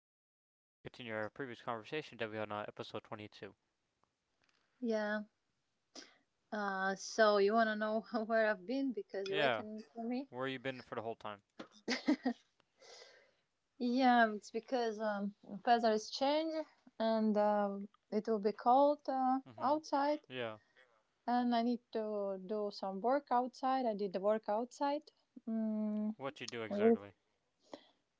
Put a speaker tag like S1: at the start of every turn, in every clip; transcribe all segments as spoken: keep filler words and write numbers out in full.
S1: And uh, we're going to continue our previous conversation that we had on episode twenty-two.
S2: Yeah. Uh, so you wanna know where I've been because you are
S1: Yeah,
S2: waiting for me?
S1: where you been for the whole time?
S2: Yeah, it's because um, weather is changed and um, it will be cold uh,
S1: Mm hmm.
S2: outside,
S1: Yeah,
S2: and I need to do some work outside. I did the work outside. Mm,
S1: what you do
S2: with
S1: exactly?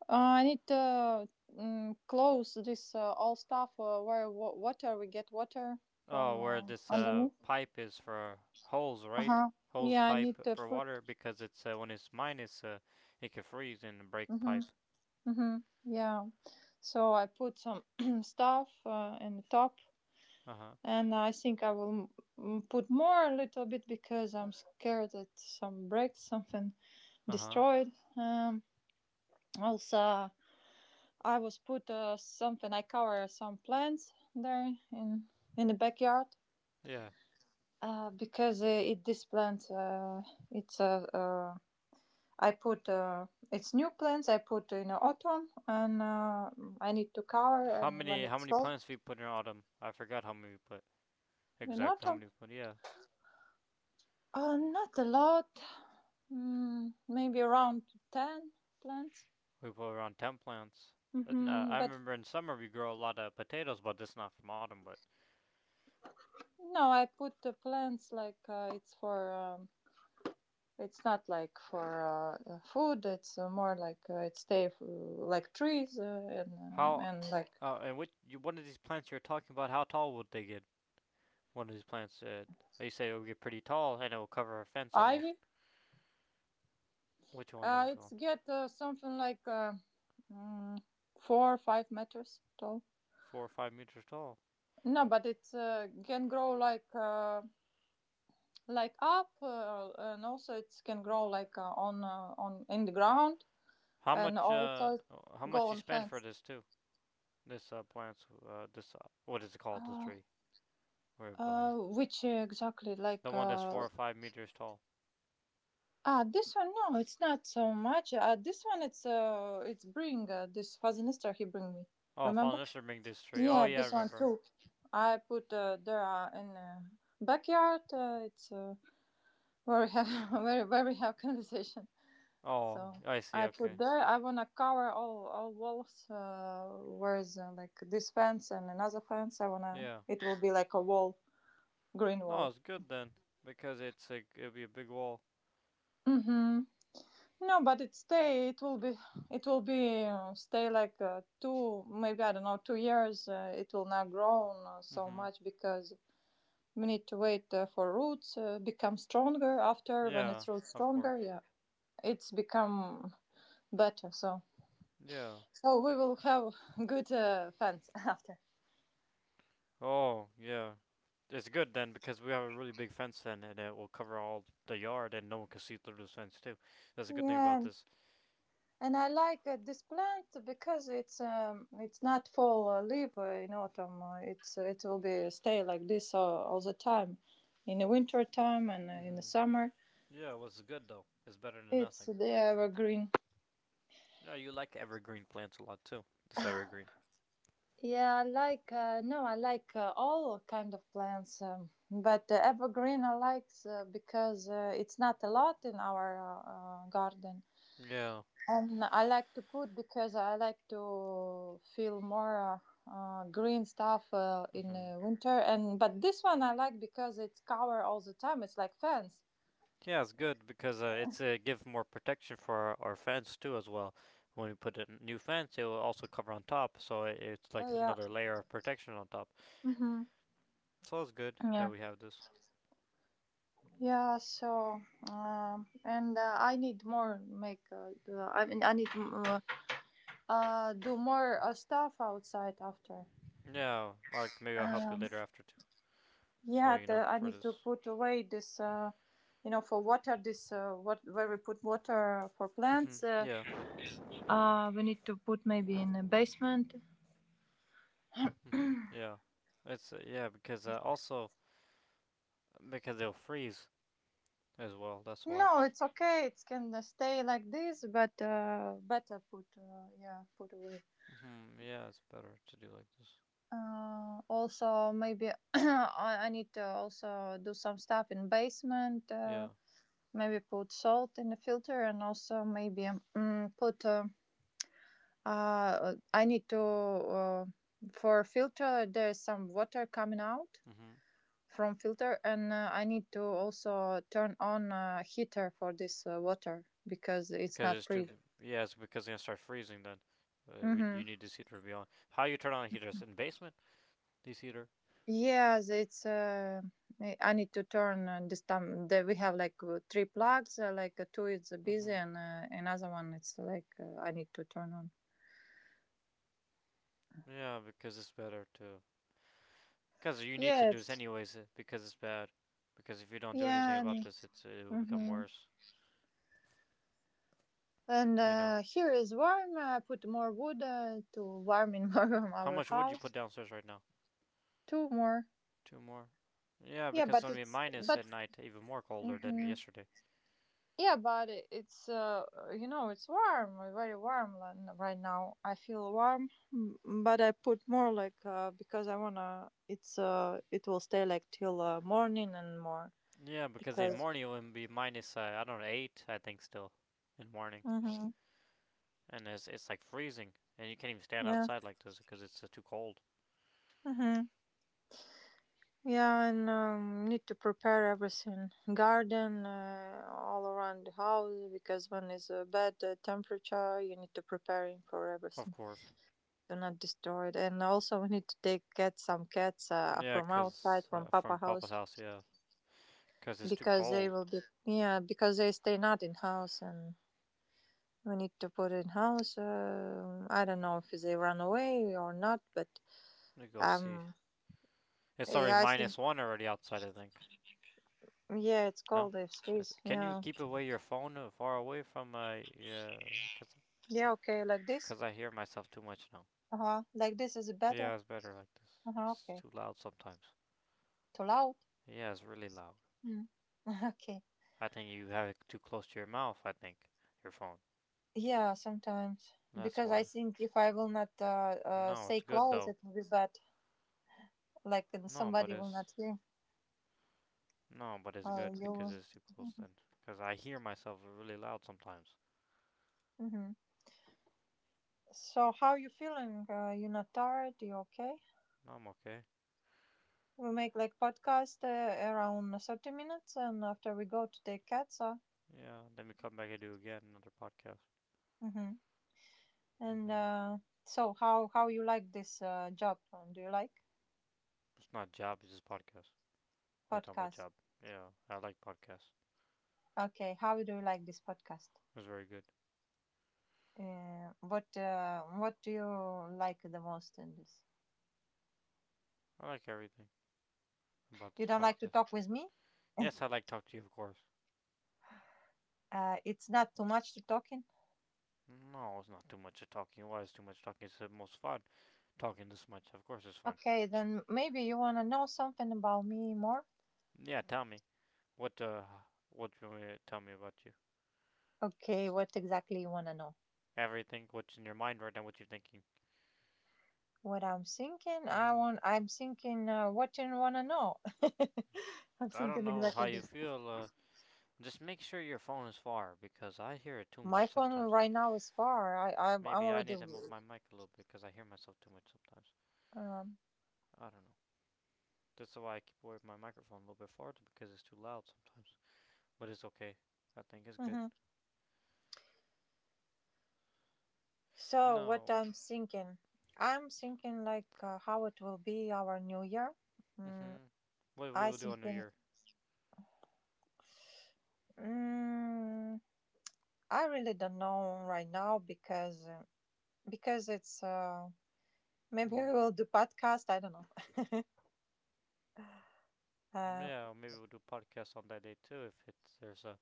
S2: uh, I need to mm, close this uh, all stuff uh, where wa- water we get water
S1: Oh,
S2: from
S1: where
S2: uh,
S1: this uh,
S2: underneath.
S1: pipe is for holes,
S2: Uh
S1: right?
S2: huh.
S1: Hose
S2: Yeah, I
S1: pipe
S2: need to
S1: for
S2: put.
S1: water because it's uh, when it's minus, uh, it can freeze and break
S2: Mhm.
S1: pipe.
S2: Mhm. Yeah. So I put some stuff uh, in the top,
S1: Uh huh.
S2: and I think I will m- put more a little bit because I'm scared that some breaks something
S1: Uh huh.
S2: destroyed. Um, Also, I was put uh, something I cover some plants there in in the backyard
S1: Yeah.
S2: uh, because uh, it this plant uh, it's uh, uh, I put uh, it's new plants I put in autumn and uh, I need to cover
S1: How
S2: and when
S1: many how
S2: it's
S1: many
S2: cold
S1: plants we put in autumn? I forgot how many we put.
S2: in
S1: Exactly how
S2: autumn.
S1: many we put. Yeah.
S2: Uh, not a lot. Mm, maybe around ten plants.
S1: We put around ten plants. uh,
S2: hmm
S1: I
S2: But
S1: remember in summer we grow a lot of potatoes, but this is not from autumn. But
S2: no, I put the plants like uh, it's for, um, it's not like for uh, uh, food. It's uh, more like uh, it stay f- like trees uh, and, um,
S1: how?
S2: and like
S1: Uh, and which you, one of these plants you're talking about? How tall would they get? One of these plants. Uh, they say it will get pretty tall, and it will cover our fence
S2: ivy.
S1: almost. Which one it
S2: Uh,
S1: was
S2: it's
S1: going?
S2: get uh, something like uh, mm, four or five meters tall.
S1: Four or five meters tall.
S2: No, but it uh, can grow like uh, like up uh, and also it can grow like uh, on uh, on in the ground
S1: How
S2: and
S1: much? Uh,
S2: also
S1: how
S2: go
S1: much you
S2: on
S1: spend for
S2: fence.
S1: this too? This uh, plants. Uh, this uh, what is it called? This
S2: uh,
S1: tree. Whereby,
S2: uh which exactly
S1: the
S2: like
S1: one that's
S2: uh
S1: four or five meters tall.
S2: ah This one, no, it's not so much. Uh this one, it's uh it's bring uh, this fazinister he bring me.
S1: Oh,
S2: Remember?
S1: Falnister bring this tree. Oh
S2: Yeah,
S1: yeah, I
S2: this one
S1: remember.
S2: too. I put uh, there uh, in uh, backyard uh, it's uh, where we have where, where we have conversation.
S1: Oh,
S2: So
S1: I see.
S2: I put
S1: Okay.
S2: there. I wanna cover all all walls uh, with uh, like this fence and another fence. I wanna.
S1: Yeah.
S2: It will be like a wall, green wall.
S1: No, it's good then because it's a it'll be a big wall.
S2: Mm-hmm. No, but it stay. It will be. It will be uh, stay like uh, two, maybe I don't know, two years. Uh, it will not grow uh, so
S1: Mhm.
S2: much because we need to wait uh, for roots uh, become stronger. After when it's
S1: Yeah,
S2: roots
S1: of
S2: stronger,
S1: course.
S2: yeah, it's become better. So
S1: Yeah.
S2: so we will have good uh, fence after.
S1: Oh, yeah. It's good then because we have a really big fence then, and it will cover all the yard, and no one can see through this fence too. That's a good thing
S2: Yeah,
S1: about
S2: and
S1: this.
S2: and I like uh, this plant because it's um it's not fall uh, leaf uh, in autumn. Uh, it's it will be stay like this all, all the time, in the winter time and uh, in the
S1: Mhm.
S2: summer.
S1: Yeah, what's good though? It's better than
S2: It's
S1: nothing.
S2: the evergreen.
S1: No, you like evergreen plants a lot too. This evergreen.
S2: Yeah, I like uh, no, I like uh, all kind of plants, um, but uh, evergreen I like uh, because uh, it's not a lot in our uh, uh, garden.
S1: Yeah.
S2: And I like to cook because I like to feel more uh, uh, green stuff uh, in
S1: Mhm.
S2: uh, winter. And but this one I like because it's cover all the time. It's like fence.
S1: Yeah, it's good because uh, it's uh, give more protection for our, our fence too as well. When we put a n- new fence, it will also cover on top, so it, it's like
S2: Oh yeah.
S1: another layer of protection on top.
S2: Mm-hmm.
S1: So it's good that
S2: Yeah.
S1: we have this.
S2: Yeah. So um, and uh, I need more make. Uh, the- I mean, I need uh, uh, do more uh, stuff outside after.
S1: Yeah, like maybe I'll help you
S2: Um,
S1: later after too. So
S2: yeah.
S1: you know
S2: The, I
S1: for
S2: need to
S1: this.
S2: put away this. Uh, you know, for water, this uh, what where we put water for
S1: Hmm,
S2: plants. Uh,
S1: yeah.
S2: Uh, we need to put maybe in a basement.
S1: Hmm, yeah. It's uh, yeah, because uh, also because they'll freeze as well. That's why.
S2: No, it's okay. It can uh, stay like this, but uh, better put uh, yeah put away.
S1: Hmm, yeah, it's better to do like this.
S2: Uh, also, maybe I I need to also do some stuff in basement. Uh,
S1: Yeah.
S2: maybe put salt in the filter, and also maybe mm, put. Uh, uh, I need to uh, for filter. There is some water coming out
S1: Hmm.
S2: from filter and uh, I need to also turn on uh, heater for this uh, water because it's
S1: Because
S2: not
S1: it's
S2: free.
S1: too. Yeah, it's because it's gonna start freezing then. Uh, we,
S2: Mm-hmm.
S1: you need this heater to be on. How you turn on heaters in basement? This heater.
S2: Yes, it's uh, i I need to turn uh, this time that we have like uh, three plugs uh, like uh, two is busy
S1: Mm-hmm.
S2: and uh, another one it's like uh, I need to turn on.
S1: Yeah, because it's better too. Because you need to do this
S2: Yes.
S1: anyways. uh, Because it's bad. Because if you don't do anything
S2: Yeah.
S1: about
S2: and,
S1: this, it's it will become
S2: hmm
S1: worse.
S2: and
S1: You know.
S2: uh, here is warm. I put more wood uh, to warm in
S1: How
S2: our
S1: much wood you
S2: house.
S1: put downstairs right now?
S2: Two more.
S1: Two more. Yeah,
S2: yeah
S1: because it's
S2: but
S1: gonna be
S2: it's
S1: minus
S2: but
S1: at night, even more colder than
S2: Mhm.
S1: yesterday.
S2: Yeah, but I- it's uh, you know it's warm, uh, very warm, lan- right now. I feel warm, m- but I put more like uh, because I wanna. It's uh, it will stay like till uh, morning and more
S1: Yeah, because in
S2: because.
S1: morning it will be minus. Uh, I don't know, eight. I think still in morning.
S2: Mm-hmm.
S1: And it's it's like freezing, and you can't even stand
S2: Yeah.
S1: outside like this because it's uh, too cold.
S2: Mm-hmm. Yeah, and um, need to prepare everything, garden uh, all around the house because when it's a bad uh, temperature, you need to preparing for
S1: Of
S2: everything.
S1: course.
S2: Do not destroy it. And also, we need to take cats, some cats uh,
S1: Yeah,
S2: from outside,
S1: 'cause
S2: from
S1: uh,
S2: Papa
S1: from Papa's
S2: house,
S1: house, yeah, because it's too
S2: because they
S1: cold.
S2: will be, yeah, because they stay not in house, and we need to put in house. Uh, I don't know if they run away or not, but
S1: Let me go see.
S2: um,
S1: It's already
S2: yeah, I think.
S1: minus one already outside, I think.
S2: Yeah, it's
S1: No?
S2: cold. It's
S1: Is,
S2: freeze.
S1: can you
S2: Yeah,
S1: keep away your phone uh, far away from my, uh, cause
S2: yeah, okay, like this.
S1: I hear myself too much now.
S2: Uh huh. Like this is better.
S1: Yeah, it's better like this.
S2: Uh huh.
S1: It's
S2: Okay.
S1: too loud sometimes.
S2: Too loud.
S1: Yeah, it's really loud.
S2: Mm. Okay.
S1: I think you have it too close to your mouth, I think. Your phone.
S2: Yeah, sometimes
S1: That's
S2: because I
S1: why.
S2: think if I will not uh, uh,
S1: No,
S2: say
S1: it's good
S2: close,
S1: though.
S2: it will be bad. Like and
S1: No, but
S2: somebody will not
S1: it's
S2: hear.
S1: No, but it's
S2: Oh,
S1: good
S2: you
S1: because
S2: will.
S1: it's too close then. Because I hear myself really loud sometimes.
S2: hmm so how you feeling uh, you not tired you okay?
S1: No, I'm okay.
S2: We make like podcast uh, around thirty minutes and after we go to take cats. uh,
S1: Yeah, then we come back and do again another podcast.
S2: hmm and
S1: Hmm.
S2: uh, So how how you like this uh, job? Uh, do you like
S1: It's not job, it's just podcast. What are you talking about
S2: podcast?
S1: job? Yeah, I like podcasts.
S2: Okay, how do you like this podcast?
S1: It's very good.
S2: Uh, what uh, what do you like the most in this?
S1: I like everything about
S2: You
S1: this
S2: don't like to
S1: podcast.
S2: talk with me?
S1: Yes, I like talk to you, of course.
S2: Uh, it's not too much to talking.
S1: No, it's not too much of talking. Why is too much talking? It's the most fun talking this much. Of course, it's fun.
S2: Okay, then maybe you want to know something about me more?
S1: Yeah, tell me what uh, what do you want me to tell me about you.
S2: Okay, what exactly you want to know?
S1: Everything. What's in your mind right now? What you're thinking.
S2: What I'm thinking, I
S1: Mm-hmm.
S2: want I'm thinking uh, what you want to know. I'm
S1: I don't
S2: thinking
S1: know how
S2: exactly
S1: you
S2: this.
S1: feel. Uh, just make sure your phone is far because I hear it too
S2: My
S1: much
S2: phone
S1: sometimes.
S2: right now is far. I I'm, I'm
S1: Maybe I
S2: already.
S1: need to move my mic a little bit because I hear myself too much sometimes.
S2: um
S1: I don't know. That's why I keep away from my microphone a little bit farther because it's too loud sometimes. But it's okay. I think it's good.
S2: mhm. So what
S1: No.
S2: I'm thinking, I'm thinking like uh, how it will be our new year. Mm,
S1: Mhm. What we
S2: I
S1: will do on New
S2: thinking.
S1: Year.
S2: mm, I really don't know right now because uh, because it's uh Maybe
S1: Mhm.
S2: we will do podcast. I don't know. Uh,
S1: Yeah, maybe we'll do podcasts on that day too. If it's there's a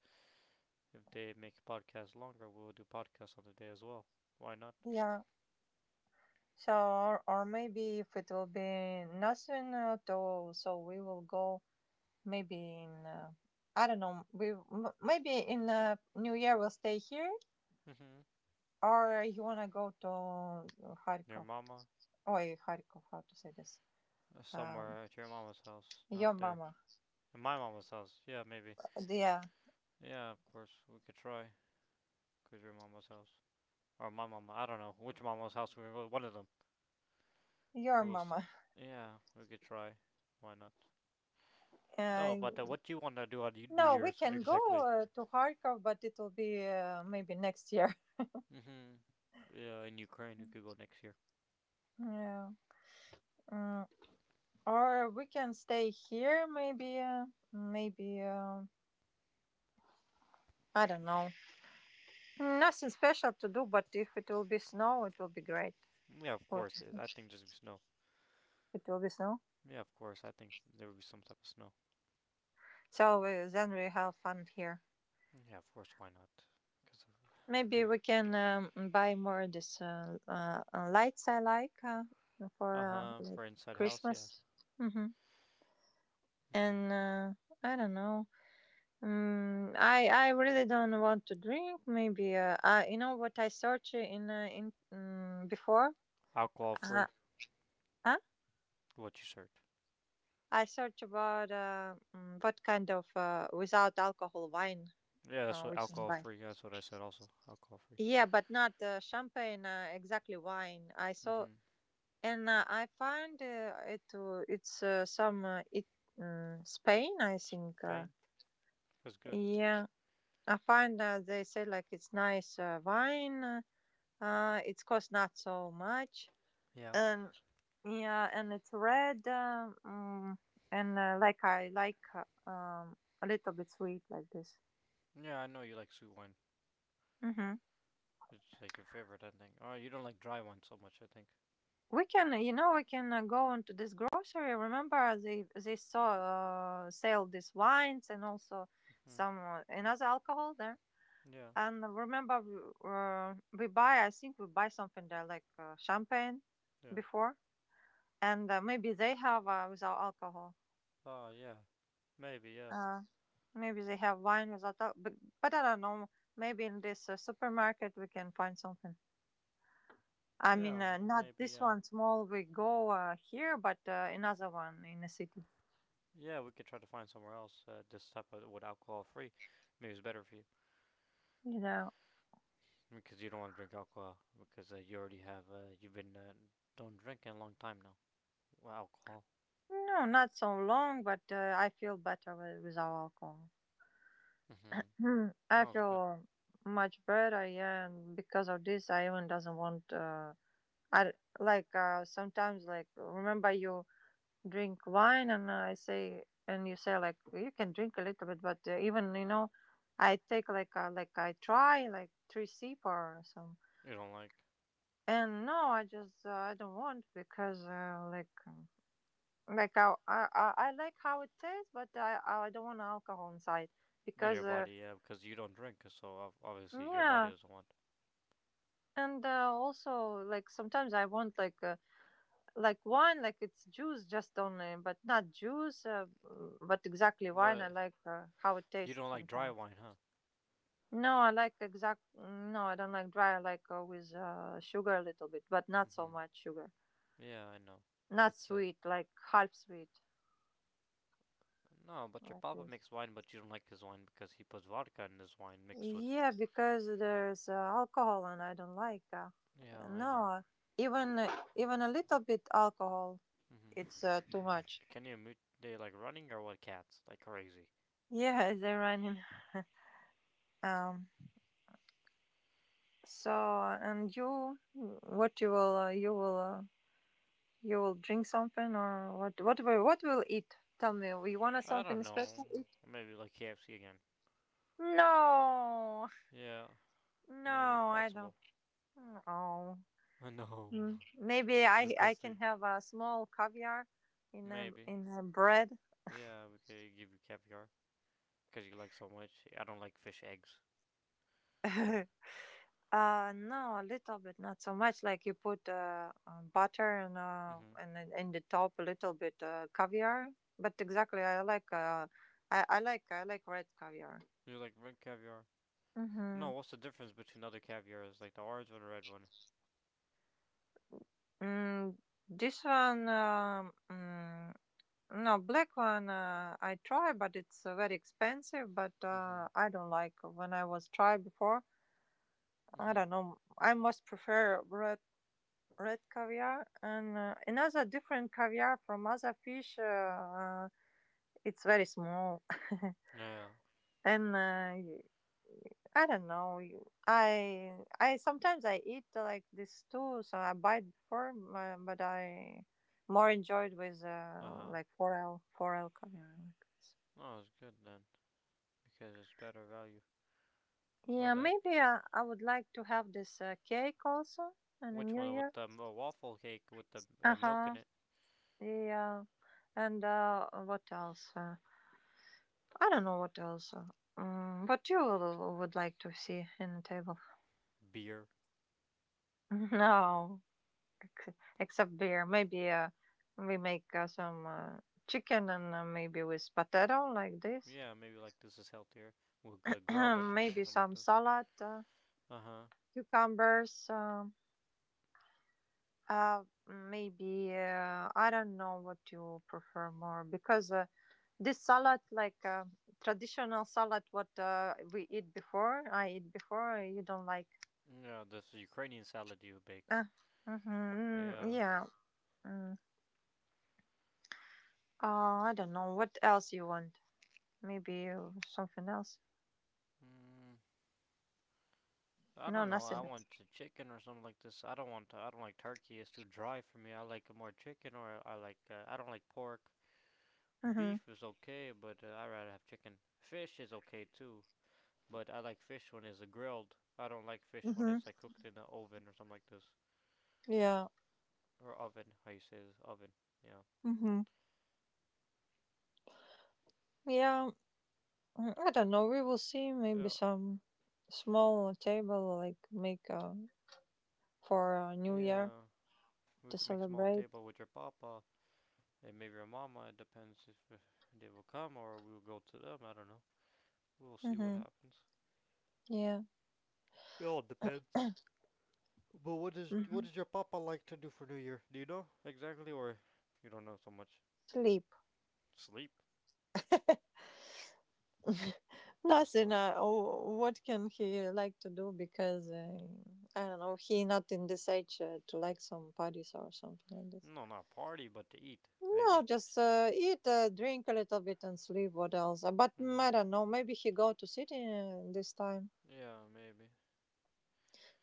S1: If they make podcasts longer, we'll do podcasts on the day as well. Why not?
S2: yeah. So or, or maybe if it will be nothing at all, so we will go maybe in. uh, I don't know. We m- maybe in uh, New Year we'll stay here,
S1: Mhm.
S2: or you wanna go to
S1: Your
S2: Kharkov?
S1: mama.
S2: Oh, Kharkov. How to say this?
S1: Uh,
S2: Um,
S1: Somewhere at your mama's house,
S2: your
S1: not there.
S2: mama.
S1: In my mama's house, yeah, maybe.
S2: Yeah,
S1: Yeah, of course, we could try. Cause your mama's house, or my mama, I don't know which mama's house we go. One of them,
S2: your
S1: we will see.
S2: mama.
S1: Yeah, we could try. Why not?
S2: Uh,
S1: No, but uh, what do you want to do on y- New
S2: no, we
S1: Year's
S2: can go
S1: exactly?
S2: uh, to Kharkov, but it will be uh, maybe next year.
S1: Mm-hmm. Yeah, in Ukraine, we could go next year.
S2: Yeah. Mm. Or we can stay here, maybe. uh, Maybe uh, I don't know. Nothing special to do, but if it will be snow, it will be great.
S1: Yeah, of
S2: What
S1: course. it- I think there's gonna be snow.
S2: it will be snow,
S1: Yeah, of course. I think there would be some type of snow.
S2: so we, then we have fun here.
S1: Yeah, of course. Why not? Because
S2: Maybe we can um, buy more of this uh, uh, uh, lights I like uh, for
S1: uh
S2: uh,
S1: huh.
S2: like
S1: For inside house, yeah.
S2: Christmas. hmm
S1: Mm-hmm.
S2: And uh, I don't know. Mm, I I really don't want to drink. Maybe uh, I. You know what I searched in uh, in mm, before?
S1: Alcohol
S2: Uh,
S1: free.
S2: huh?
S1: What you search?
S2: I search about uh, mm, what kind of uh, without alcohol wine
S1: Yeah, that's
S2: uh,
S1: what
S2: we can
S1: alcohol
S2: buy.
S1: free. That's what I said. Also, alcohol free.
S2: Yeah, but not uh, champagne. Uh, exactly wine. I saw
S1: Mhm.
S2: and uh, I find uh, it. Uh, it's uh, some uh, it mm Spain. I think. Uh,
S1: Spain was good.
S2: yeah, I find uh, they say like it's nice uh, wine. Uh, it costs not so much,
S1: Yeah.
S2: and. Yeah, and it's red, um, mm, and uh, like I like uh, um, a little bit sweet like this.
S1: Yeah, I know you like sweet wine.
S2: Hmm.
S1: It's like your favorite, I think. Oh, you don't like dry wine so much, I think.
S2: We can, you know, we can uh, go into this grocery. Remember, they they saw uh, sell these wines and also
S1: Mhm.
S2: some uh, another alcohol there.
S1: Yeah.
S2: And remember, we, uh, we buy. I think we buy something there like uh, champagne
S1: Yeah.
S2: before, and uh, maybe they have uh, without alcohol.
S1: Oh, yeah. Maybe. Yeah.
S2: Uh, Maybe they have wine without, al- but but I don't know. Maybe in this uh, supermarket we can find something. I mean,
S1: Yeah.
S2: uh, not
S1: Maybe.
S2: this
S1: Yeah.
S2: one small we go uh, here, but uh, another one in the city.
S1: Yeah, we could try to find somewhere else. Uh, this type of with alcohol free, maybe it's better for you
S2: You know,
S1: because you don't want to drink alcohol because uh, you already have. Uh, you've been uh, don't drink in a long time now. Well, alcohol.
S2: no, not so long, but uh, I feel better with, without alcohol.
S1: Mhm.
S2: Hmm,
S1: That
S2: I
S1: was good.
S2: feel much better, yeah, and because of this, I even doesn't want. Uh, I d- like uh, sometimes like remember you drink wine and i say and you say like, "Well, you can drink a little bit," but uh, even you know I take like uh, like I try like three sip or some.
S1: You don't like.
S2: And no, I just uh, I don't want because uh, like um, like I, I i I like how it tastes but i i don't want alcohol inside
S1: In
S2: because
S1: your
S2: uh,
S1: body, yeah, because you don't drink, so obviously your body
S2: yeah.
S1: doesn't want.
S2: And uh, also like sometimes I want like uh, like wine like it's juice just only but not juice uh, but exactly wine I
S1: But
S2: like uh, how it
S1: you
S2: tastes
S1: don't like dry
S2: sometimes.
S1: wine, huh?
S2: No, I like exact. mm, No, I don't like dry. I like, uh, with uh, sugar a little bit, but not so
S1: Hmm.
S2: much sugar.
S1: Yeah, I know.
S2: Not
S1: It's a
S2: sweet, like half sweet,
S1: no, but your
S2: like
S1: papa
S2: this.
S1: makes wine, but you don't like his wine because he puts vodka in his wine mixed with it.
S2: Yeah, because there's uh, alcohol, and I don't like. Uh,
S1: Yeah, I know.
S2: no, even uh, even a little bit alcohol, it's
S1: Hmm.
S2: uh, too much.
S1: Can you mute? They like running or what? Cats like crazy.
S2: Yeah, it's Iranian. Um. So, and you, what you will, uh, you will, uh, you will drink something, or what? What will, what will eat? Tell me. You want
S1: I don't
S2: something special?
S1: know. Maybe like K F C again.
S2: No,
S1: Yeah, maybe
S2: no, I don't.
S1: possible.
S2: No.
S1: I know.
S2: Mm, Maybe I I can
S1: Disgusting.
S2: have a small caviar in a
S1: Maybe.
S2: in a bread.
S1: Yeah, we could give you caviar because you like so much. I don't like fish eggs.
S2: Uh no, a little bit, not so much. Like you put uh, uh butter and uh
S1: Hmm.
S2: and then in the top a little bit uh caviar. But exactly, I like uh I I like I like red caviar.
S1: You like red caviar?
S2: Mm-hmm.
S1: No, what's the difference between other caviars, like the orange one and red one?
S2: Mm, this one um. mm, No, black one, uh, I try, but it's uh, very expensive. But
S1: Mm-hmm.
S2: uh, I don't like when I was tried before. I
S1: Mm-hmm.
S2: don't know. I most prefer red red caviar and uh, another different caviar from other fish. Uh, uh, it's very small.
S1: Yeah.
S2: and uh, y- I don't know. You- I I sometimes I eat uh, like this too. So I bite before, uh, but I more enjoyed with uh,
S1: Uh-huh.
S2: like forel forel caviar. Like this.
S1: Oh, it's good then, because it's better value for
S2: Yeah,
S1: that.
S2: maybe I I would like to have this uh, cake also in the
S1: Which
S2: new
S1: one with
S2: year.
S1: the um, uh, waffle cake with the
S2: Uh
S1: uh, milk in
S2: huh.
S1: it?
S2: Yeah. And uh, what else? Uh, I don't know what else. Uh, mm, what you will- would like to see in the table?
S1: Beer.
S2: No, ex- except beer. Maybe uh, we make uh, some uh, chicken and uh, maybe with potato like this.
S1: Yeah, maybe like this is healthier. We'll uh, grill the chicken or
S2: Maybe
S1: something like
S2: some
S1: this.
S2: salad, uh,
S1: Uh huh.
S2: cucumbers. Um, Uh, maybe uh, I don't know what you prefer more because uh, this salad, like, uh, traditional salad, what, uh, we eat before, I eat before, you don't like.
S1: Yeah, this Ukrainian salad you bake.
S2: Uh, mm-hmm, mm,
S1: Yeah.
S2: yeah. Mm. Uh, I don't know what else you want. Maybe uh, something else.
S1: Mm. I
S2: No,
S1: don't know. I
S2: nothing else.
S1: want a chicken or something like this. I don't want. I don't like turkey. It's too dry for me. I like more chicken, or I like. Uh, I don't like pork.
S2: Mm-hmm.
S1: Beef is okay, but uh, I rather have chicken. Fish is okay too, but I like fish when it's uh, grilled. I don't like fish when
S2: Mm-hmm.
S1: it's like cooked in an oven or something like this,
S2: Yeah.
S1: or oven. How you say this? Oven. Yeah.
S2: Mm-hmm. Yeah. mm, I don't know. We will see. Maybe
S1: Yeah.
S2: some small table like make uh, for uh, New Year.
S1: Yeah. We
S2: To
S1: can make a small
S2: celebrate.
S1: table with your papa and maybe your mama. It depends if uh, they will come or we will go to them. I don't know. We'll see what
S2: Mm-hmm.
S1: happens.
S2: Yeah.
S1: It all depends. But what does what
S2: Mm-hmm.
S1: does your papa like to do for New Year? Do you know exactly, or you don't know so much?
S2: Sleep.
S1: Sleep, of
S2: Nothing.
S1: course.
S2: Uh, oh, what can he like to do? Because uh, I don't know. He not in this age uh, to like some parties or something like this.
S1: No, not party, but to eat,
S2: No,
S1: maybe.
S2: just uh, eat, uh, drink a little bit, and sleep. What else? Uh, But mm,
S1: Hmm.
S2: I don't know. Maybe he go to city uh, this time
S1: Yeah, maybe.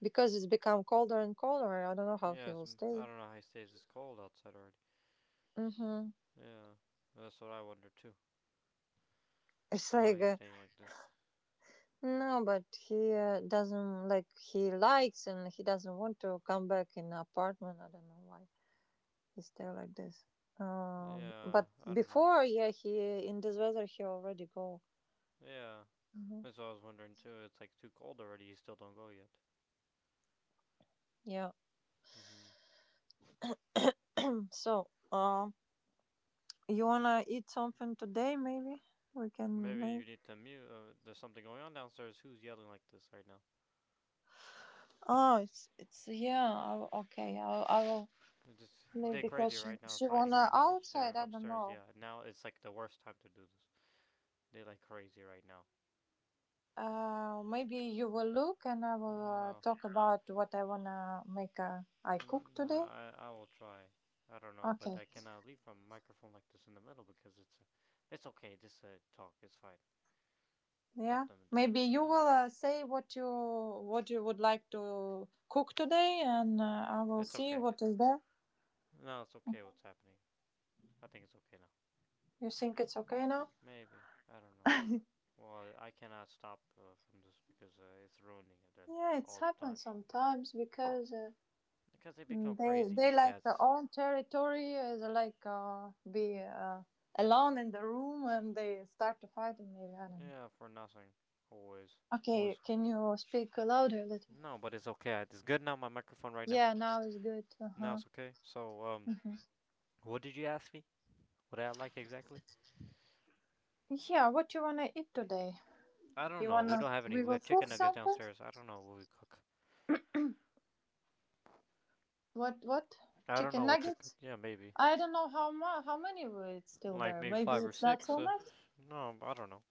S2: because it's become colder and colder. I don't know how he
S1: Yes,
S2: will
S1: m-
S2: stay.
S1: I don't know how he stays this cold outside already.
S2: Mm-hmm.
S1: Yeah, that's what I wonder too.
S2: It's
S1: How
S2: like
S1: he's
S2: uh,
S1: staying like this.
S2: no, but he uh, doesn't like he likes and he doesn't want to come back in the apartment. I don't know why he's there like this. Um,
S1: Yeah,
S2: but
S1: I don't know.
S2: before, yeah, he in this weather he already go.
S1: Yeah,
S2: Hmm.
S1: that's what I was wondering too. It's like too cold already. You still don't go yet.
S2: Yeah.
S1: Hmm.
S2: So, um, you wanna eat something today? Maybe we can
S1: Maybe you
S2: make.
S1: need to mute. Uh, there's something going on downstairs. Who's yelling like this right now?
S2: Oh, it's it's yeah. I, will- okay, I will- I will,
S1: Just,
S2: maybe
S1: they're crazy
S2: because she
S1: right now,
S2: she
S1: fighting
S2: wanna
S1: right now
S2: outside.
S1: upstairs.
S2: I don't
S1: Upstairs,
S2: know.
S1: yeah. Now it's like the worst time to do this. They're like crazy right now.
S2: Uh, maybe you will look and I will uh,
S1: Yeah,
S2: talk about what I wanna make. Uh, I cook
S1: and uh,
S2: today.
S1: I I will try. I don't know, but
S2: Okay.
S1: I cannot leave from a microphone like this in the middle because it's uh, it's okay. Just uh, talk. It's fine.
S2: Yeah.
S1: Let them do
S2: Maybe
S1: this.
S2: you
S1: Yeah,
S2: will
S1: it's,
S2: uh, say what you what you would like to cook today, and uh, I will
S1: it's
S2: see
S1: okay.
S2: what is there.
S1: No, it's okay. What's happening? I think it's okay now.
S2: You think it's okay now?
S1: Maybe I don't know. Well, I cannot stop uh, from this because uh, it's ruining it and
S2: Yeah, it's
S1: all the
S2: happened
S1: time.
S2: sometimes because uh,
S1: Because they become
S2: Mm, They
S1: crazy,
S2: they
S1: these
S2: like their
S1: cats.
S2: own territory. Uh, they like uh, be uh, alone in the room, and they start to fight. And maybe I don't know.
S1: Yeah, for nothing. Always.
S2: Okay,
S1: Always.
S2: can you speak louder a little.
S1: No, but it's okay. It's good now, my microphone right now.
S2: Yeah, now it's good.
S1: Now
S2: Uh-huh.
S1: it's okay. So, um, what did you ask me? What I like exactly?
S2: Yeah, what you wanna eat today?
S1: I don't
S2: You
S1: know. We don't
S2: wanna
S1: have any.
S2: we
S1: We
S2: will
S1: have chicken
S2: cook
S1: nuggets
S2: something?
S1: downstairs. I don't know what we cook.
S2: What what?
S1: I don't
S2: Chicken
S1: know what to cook.
S2: nuggets?
S1: Yeah, maybe.
S2: I don't know how mu- how many were it's still
S1: Like
S2: there.
S1: maybe
S2: Maybe
S1: five or
S2: it's not
S1: six.
S2: so
S1: Uh,
S2: much.
S1: no, I don't know.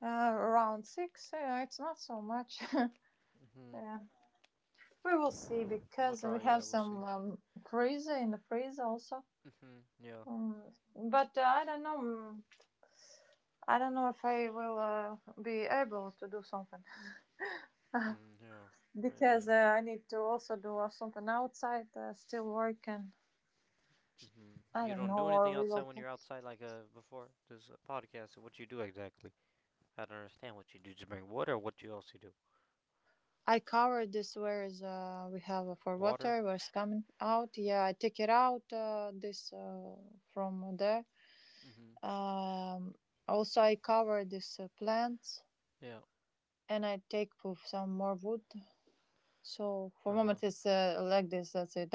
S2: Uh, around six. Yeah, it's not so much.
S1: hmm
S2: Yeah, we will see
S1: We'll
S2: because we
S1: try. Yeah,
S2: have
S1: we'll see.
S2: some um, freezer in the freezer also.
S1: hmm Yeah.
S2: Mm, but uh, I don't know. mm, I don't know if I will uh, be able to do something.
S1: hmm Yeah. Maybe.
S2: Because
S1: Yeah.
S2: uh, I need to also do uh, something outside, uh, still working.
S1: hmm
S2: I
S1: You
S2: don't know,
S1: don't do anything
S2: or we
S1: outside
S2: will.
S1: when you're outside like uh, before this uh, podcast. What you do exactly? I don't understand what you do. Just bring wood, or what do you also do?
S2: I cover this whereas uh, we have uh, for
S1: Water?
S2: water was coming out. Yeah, I take it out uh, this uh, from there.
S1: Mm-hmm.
S2: Um, Also, I cover this uh, plants
S1: Yeah.
S2: and I take for some more wood. So for
S1: Uh huh.
S2: moment, it's uh, like this. That's it,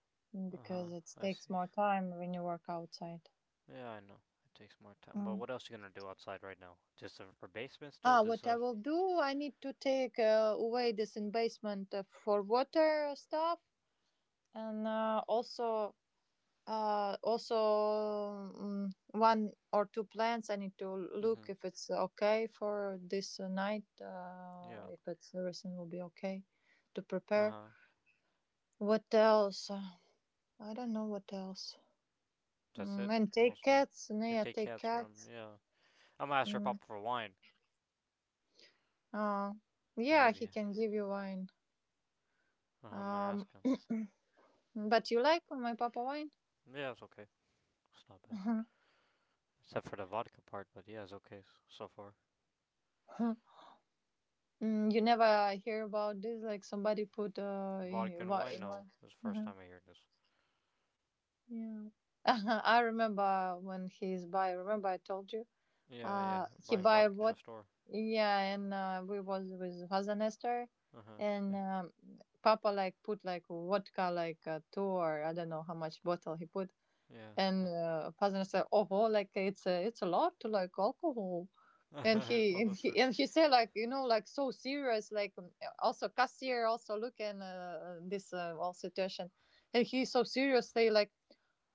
S1: Uh huh.
S2: because it
S1: I
S2: takes
S1: see.
S2: more time when you work outside.
S1: Yeah, I know. It takes more time. But
S2: Mm.
S1: what else are you gonna do outside right now? Just a, a basement still?
S2: Ah,
S1: Just
S2: what I
S1: a.
S2: will do, I need to take uh, away this investment uh, for water stuff, and uh, also uh, also mm, one or two plants. I need to look
S1: Mm-hmm.
S2: if it's okay for this uh, night. Uh,
S1: Yeah.
S2: if it's everything will be okay to
S1: Uh
S2: prepare.
S1: huh.
S2: What else? Uh, I don't know what else.
S1: That's
S2: Mm,
S1: it.
S2: and take
S1: Mostly.
S2: cats.
S1: You
S2: Yeah,
S1: take
S2: take
S1: cats from.
S2: cats.
S1: Yeah. I'm gonna ask your
S2: Mm,
S1: papa for wine.
S2: uh,
S1: You
S2: yeah,
S1: maybe.
S2: he can give you wine.
S1: Uh, I'm gonna
S2: Um,
S1: ask him.
S2: But you like my papa wine?
S1: Yeah, it's okay. It's not bad. Except for the vodka part, but yeah, it's okay so far.
S2: Mm, you never hear about this, like somebody put uh,
S1: Vodka
S2: in
S1: and
S2: what,
S1: wine?
S2: in
S1: No,
S2: one.
S1: it's the first
S2: uh
S1: time I hear this.
S2: Yeah, I remember when he's by. Remember I told you,
S1: Yeah, yeah.
S2: uh, he
S1: Buying
S2: buy
S1: vodka from a
S2: what?
S1: store.
S2: Yeah, and uh, we was with Father Nestor,
S1: Uh huh.
S2: and
S1: Yeah.
S2: um, Papa like put like vodka like uh, two or I don't know how much bottle he put.
S1: Yeah.
S2: And uh, father said, "Oh, well, like it's a, it's a lot to like alcohol." And
S1: yeah.
S2: he and
S1: Almost
S2: he
S1: sir.
S2: and he said, like you know, like so serious, like um, also cashier also looking uh, this uh, whole situation, and he so seriously like,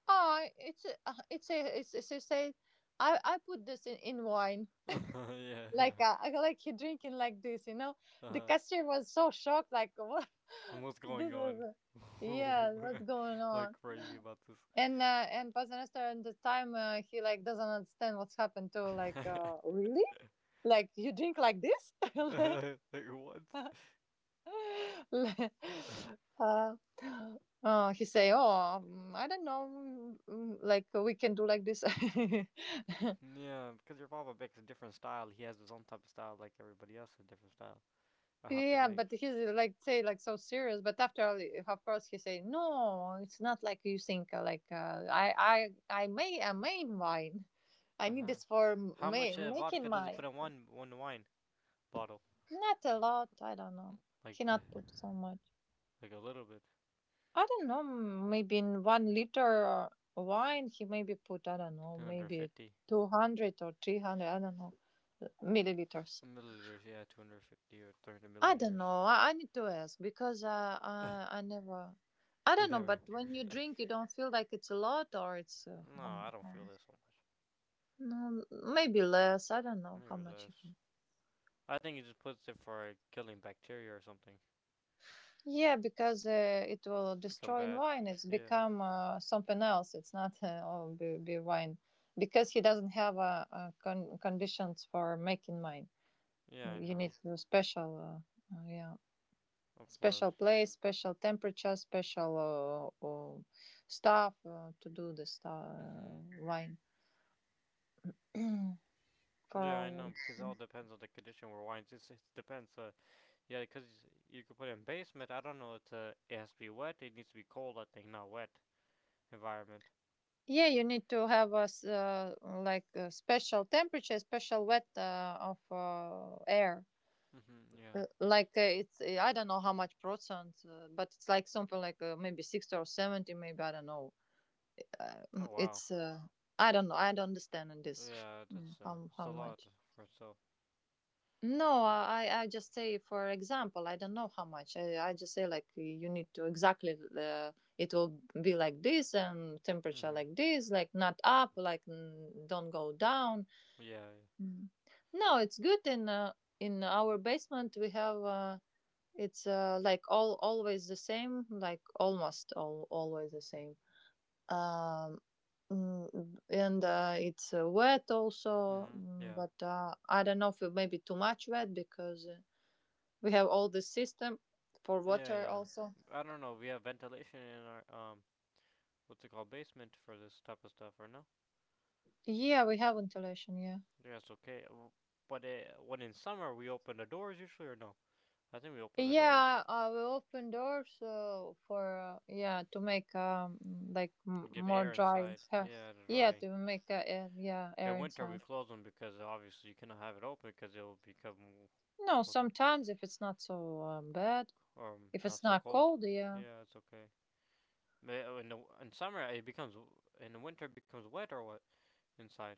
S2: ah, it's a, uh, it's a, it's, it's, it's a, I I put this in in wine,
S1: yeah.
S2: like uh, I- like he drinking like this, you know. The
S1: Uh-huh.
S2: cashier was so shocked, like what
S1: And what's going
S2: this
S1: on?
S2: is, yeah, what's going
S1: like
S2: on?
S1: crazy about this.
S2: And uh, and Pazenester at the time uh, he like doesn't understand what's happened to like uh, really like you drink like this. uh,
S1: like what?
S2: uh, he say, oh, mm, I don't know, mm, mm, like we can do like this.
S1: Yeah, because your papa makes a different style. He has his own type of style, like everybody else has a different style. I have to
S2: Yeah,
S1: make.
S2: but he's uh, like say like so serious. But after all, of course, he say, no, it's not like you think. uh, Like uh, I I I made a main wine. I
S1: Uh
S2: need
S1: huh.
S2: this for
S1: How
S2: ma-
S1: much uh,
S2: making
S1: vodka does he
S2: wine.
S1: put in one one wine bottle?
S2: Not a lot, I don't know.
S1: Like,
S2: He
S1: uh,
S2: not put so much.
S1: like a little bit.
S2: I don't know, m- maybe in one liter wine he maybe put, I don't know,
S1: Two hundred
S2: maybe
S1: fifty
S2: two hundred or three hundred, I don't know, milliliters.
S1: milliliters. Yeah, two hundred fifty or three hundred
S2: I don't
S1: milliliters.
S2: know. I, I need to ask because uh, I, I never, I don't know,
S1: Either way.
S2: but when you drink, you don't feel like it's a lot or it's, uh,
S1: No,
S2: how,
S1: I don't
S2: how-
S1: feel this so much.
S2: no, maybe less. I don't know how
S1: Maybe
S2: much he
S1: less.
S2: put.
S1: I think he just puts it for like, killing bacteria or something.
S2: Yeah, because uh, it will
S1: Become
S2: destroy in
S1: bad.
S2: wine. It's
S1: Yeah.
S2: become uh, something else. It's not uh, oh, be, be wine because he doesn't have uh, uh, con- conditions for making wine.
S1: Yeah, I
S2: You need
S1: know.
S2: to special, uh, uh, yeah,
S1: Of course.
S2: special place, special temperature, special uh, uh, stuff uh, to do the stu- uh,
S1: hmm
S2: wine for
S1: Yeah, I know
S2: all.
S1: because it all depends on the condition where wines. It's, it depends. Uh, yeah, because you could put it in basement. I don't know. It's uh, it has to be wet. It needs to be cold. I think not wet environment.
S2: Yeah, you need to have a s- uh, like a special temperature, special wet uh, of uh, air.
S1: hmm Yeah.
S2: Uh, like uh, it's uh, I don't know how much percent, uh, but it's like something like uh, maybe sixty or seventy, maybe I don't know. Uh,
S1: Oh
S2: mm,
S1: wow.
S2: it's uh, I don't know. I don't understand in this
S1: Yeah,
S2: mm,
S1: that's uh,
S2: how
S1: it's
S2: how
S1: a lot
S2: much.
S1: for itself.
S2: No, I I I just say for example, I don't know how much. I I just say like you need to exactly uh, it will be like this and temperature
S1: hmm
S2: like this, like not up, like mm, don't go down.
S1: Yeah.
S2: Mm. No, it's good in uh, in our basement we have. Uh, It's uh, like all always the same, like almost all always the same. Um, mm, and uh, it's uh, wet
S1: Yeah.
S2: also,
S1: hmm
S2: mm,
S1: Yeah.
S2: but uh, I don't know if it may be too much wet because uh, we have all the system for
S1: Yeah.
S2: water
S1: Yeah.
S2: also.
S1: I don't know. We have ventilation in our um what's it called basement for this type of stuff, or no?
S2: Yeah, we have ventilation. Yeah,
S1: Yeah, it's okay. But uh, when in summer we open the doors usually, or no? I think we open the doors
S2: yeah. Uh, we open doors uh, for uh, yeah to make um like m-
S1: and give
S2: more
S1: air
S2: dry.
S1: inside. Yeah, to
S2: Yeah,
S1: dry.
S2: to make uh, air, yeah
S1: In
S2: air
S1: winter we
S2: inside.
S1: close them because obviously you cannot have it open because it will become
S2: No, sometimes if it's not so um, bad,
S1: um
S2: if
S1: not
S2: it's
S1: so
S2: not
S1: cold.
S2: cold, yeah.
S1: Yeah, it's okay. Ma- uh, In the in summer it becomes in the winter it becomes wet or what inside.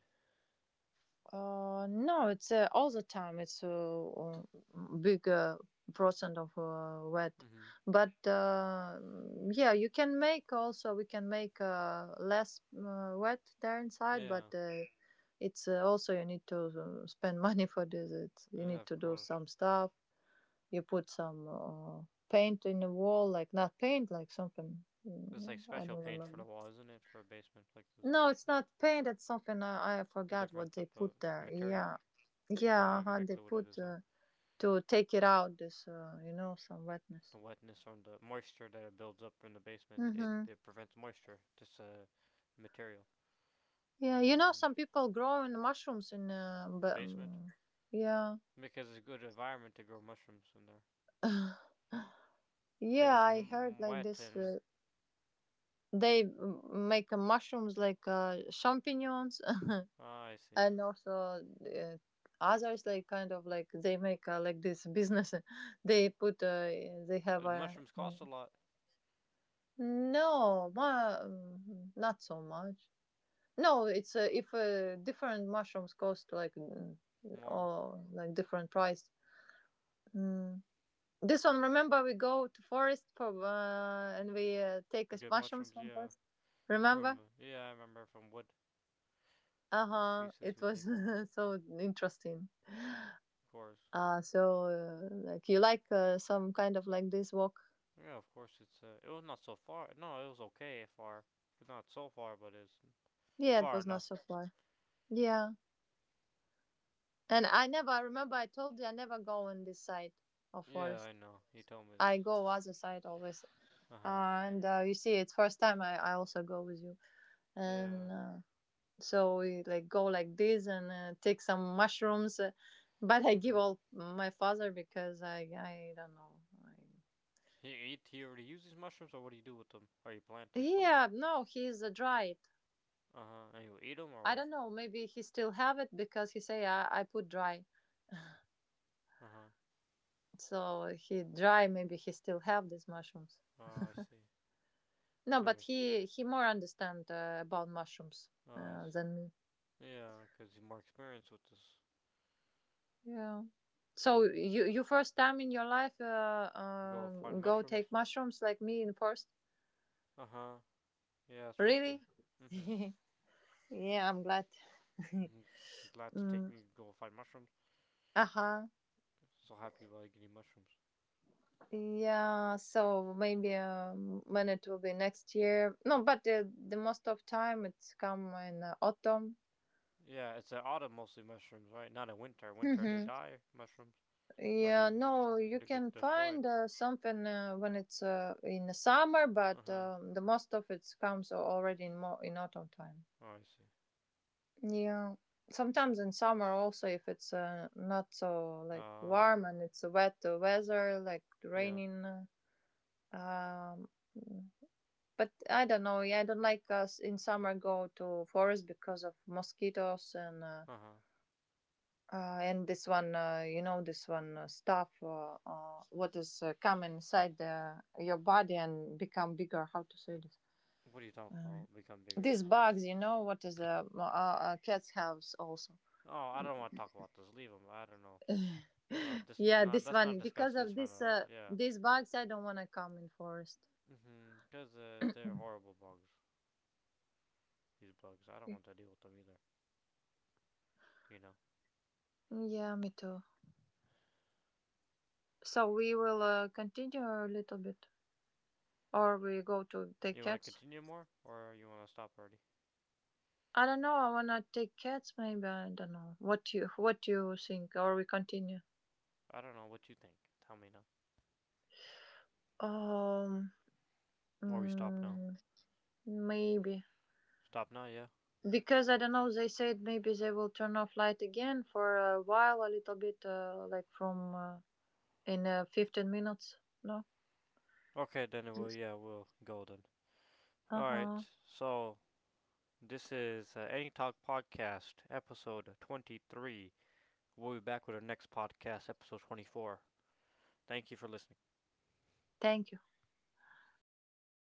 S2: Uh, no, it's uh, all the time. It's a uh, um, bigger percent of uh, wet,
S1: Mhm.
S2: but uh, yeah, you can make also. We can make uh, less uh, wet there inside, but
S1: Yeah.
S2: uh, it's uh, also you need to uh, spend money for this. It's, you
S1: Yeah,
S2: need
S1: of
S2: to do
S1: course.
S2: some stuff. You put some uh, paint in the wall, like not paint, like something.
S1: It's like
S2: mm, I don't
S1: special paint for the
S2: remember.
S1: wall, isn't it? For a basement like this
S2: No, it's not paint. It's something, I, I forgot
S1: different
S2: what they
S1: type of
S2: put there.
S1: material.
S2: Yeah,
S1: Don't know
S2: yeah, how they
S1: exactly what it
S2: put
S1: is. Uh,
S2: uh, to take it out. This, uh, you know, some wetness.
S1: the wetness on the moisture that it builds up in the basement, it,
S2: Mhm.
S1: it prevents moisture. Just a material.
S2: Yeah, you know,
S1: Mm.
S2: some people growing mushrooms in. Uh, but
S1: Basement
S2: um, yeah.
S1: because it's a good environment to grow mushrooms in there because
S2: Yeah,
S1: it's
S2: I heard
S1: m-
S2: like
S1: wet
S2: this.
S1: and
S2: Uh, they mm, make uh, mushrooms like uh, champignons,
S1: ah, I see.
S2: and also uh, others like kind of like they make uh, like this business. They put. Uh, they have
S1: Uh,
S2: a.
S1: mushrooms cost a lot
S2: No, ma- mm, not so much. No, it's uh, if uh, different mushrooms cost like mm,
S1: more.
S2: or like different price. Mm. This one, remember, we go to forest for uh, and we uh, take us
S1: Good
S2: mushrooms
S1: mushrooms,
S2: from
S1: yeah.
S2: forest. Remember?
S1: From yeah, I remember from wood
S2: Uh huh.
S1: pieces
S2: It
S1: we
S2: was
S1: take them.
S2: so interesting.
S1: Of course,
S2: Uh so uh, like you like uh, some kind of like this walk?
S1: yeah, of course it's uh, it was not so far. No, it was okay far, but not so far, but it's
S2: Yeah, it
S1: far
S2: was not
S1: enough.
S2: so far. Yeah, and I never. I remember I told you I never go on this side of
S1: Yeah, I
S2: forest.
S1: know. You told me this.
S2: I go other side always,
S1: Uh
S2: uh,
S1: huh.
S2: and uh, you see, it's first time I, I also go with you,
S1: Yeah.
S2: and uh, so we like go like this and uh, take some mushrooms, uh, but I give
S1: hmm
S2: all my father because I I don't know. I...
S1: He eat. He already used these mushrooms, or what do you do with them? Or you plant them somewhere?
S2: Yeah, no, he's uh, dried.
S1: Uh huh. And you eat them, or
S2: I
S1: what?
S2: don't know. Maybe he still have it because he say I, I put dry,
S1: Uh huh.
S2: so he dry. Maybe he still have these mushrooms.
S1: Oh, I see.
S2: No,
S1: I
S2: but
S1: understand.
S2: he he more understand uh, about mushrooms
S1: Oh, I
S2: uh, than
S1: see.
S2: me.
S1: Yeah, because he's more experienced with this.
S2: Yeah. So
S1: Mm-hmm.
S2: you you first time in your life uh, uh,
S1: Go find
S2: go
S1: mushrooms.
S2: take mushrooms like me in first?
S1: Uh huh. Yeah, that's first thing.
S2: Really?
S1: Mm-hmm.
S2: Yeah, I'm glad.
S1: mm Glad to take
S2: Mm,
S1: me to go find mushrooms.
S2: uh-huh.
S1: So happy about getting mushrooms.
S2: Yeah, so maybe um, when it will be next year. No, but uh, the most of time it's come in uh, autumn.
S1: Yeah, it's at autumn mostly mushrooms, right? Not in winter. Winter they
S2: Hmm.
S1: die mushrooms, or
S2: Yeah,
S1: they
S2: no, you
S1: they
S2: can
S1: get
S2: find
S1: destroyed.
S2: uh, something uh, when it's uh, in the summer,
S1: Uh
S2: but
S1: huh.
S2: um, the most of it comes already in more in autumn time.
S1: Oh, I see.
S2: Yeah. Sometimes in summer also if it's uh, not so like
S1: Uh,
S2: warm and it's wet uh, weather like
S1: yeah.
S2: raining uh, um mm, but I don't know. Yeah, I don't like us in summer go to forest because of mosquitoes and uh,
S1: Uh huh.
S2: uh, and this one uh, you know this one uh, stuff uh, uh, what is uh, come inside the, your body and become bigger, how to say this,
S1: What are you talking
S2: um,
S1: about? Become bigger?
S2: these bugs, you know what is uh, uh, uh, cats have also.
S1: Oh, I don't want to talk about this. Leave them. I don't know. Uh, dis-
S2: Yeah,
S1: nah,
S2: this
S1: let's not
S2: one, because
S1: discuss this
S2: of
S1: from
S2: this
S1: the.
S2: uh,
S1: Yeah.
S2: these bugs, I don't want to come in forest.
S1: Mm-hmm. Because uh, they're horrible bugs. These bugs. I don't want to deal with them either. You know.
S2: Yeah, me too. So we will uh, continue a little bit, or we go to take
S1: You want to
S2: cats.
S1: continue more? Or you want to stop already?
S2: I don't know. I wanna take cats. Maybe I don't know. What you What do you think? Or we continue?
S1: I don't know what you think. Tell me now.
S2: Um,
S1: Or we stop now.
S2: mm, maybe
S1: Stop now, yeah?
S2: because I don't know. They said maybe they will turn off light again for a while, a little bit, uh, like from uh, in uh, fifteen minutes. No.
S1: Okay, then it will, yeah, we'll go then.
S2: Uh huh.
S1: Alright, so this is uh, Any Talk Podcast, episode twenty-three. We'll be back with our next podcast, episode twenty-four. Thank you for listening.
S2: Thank you.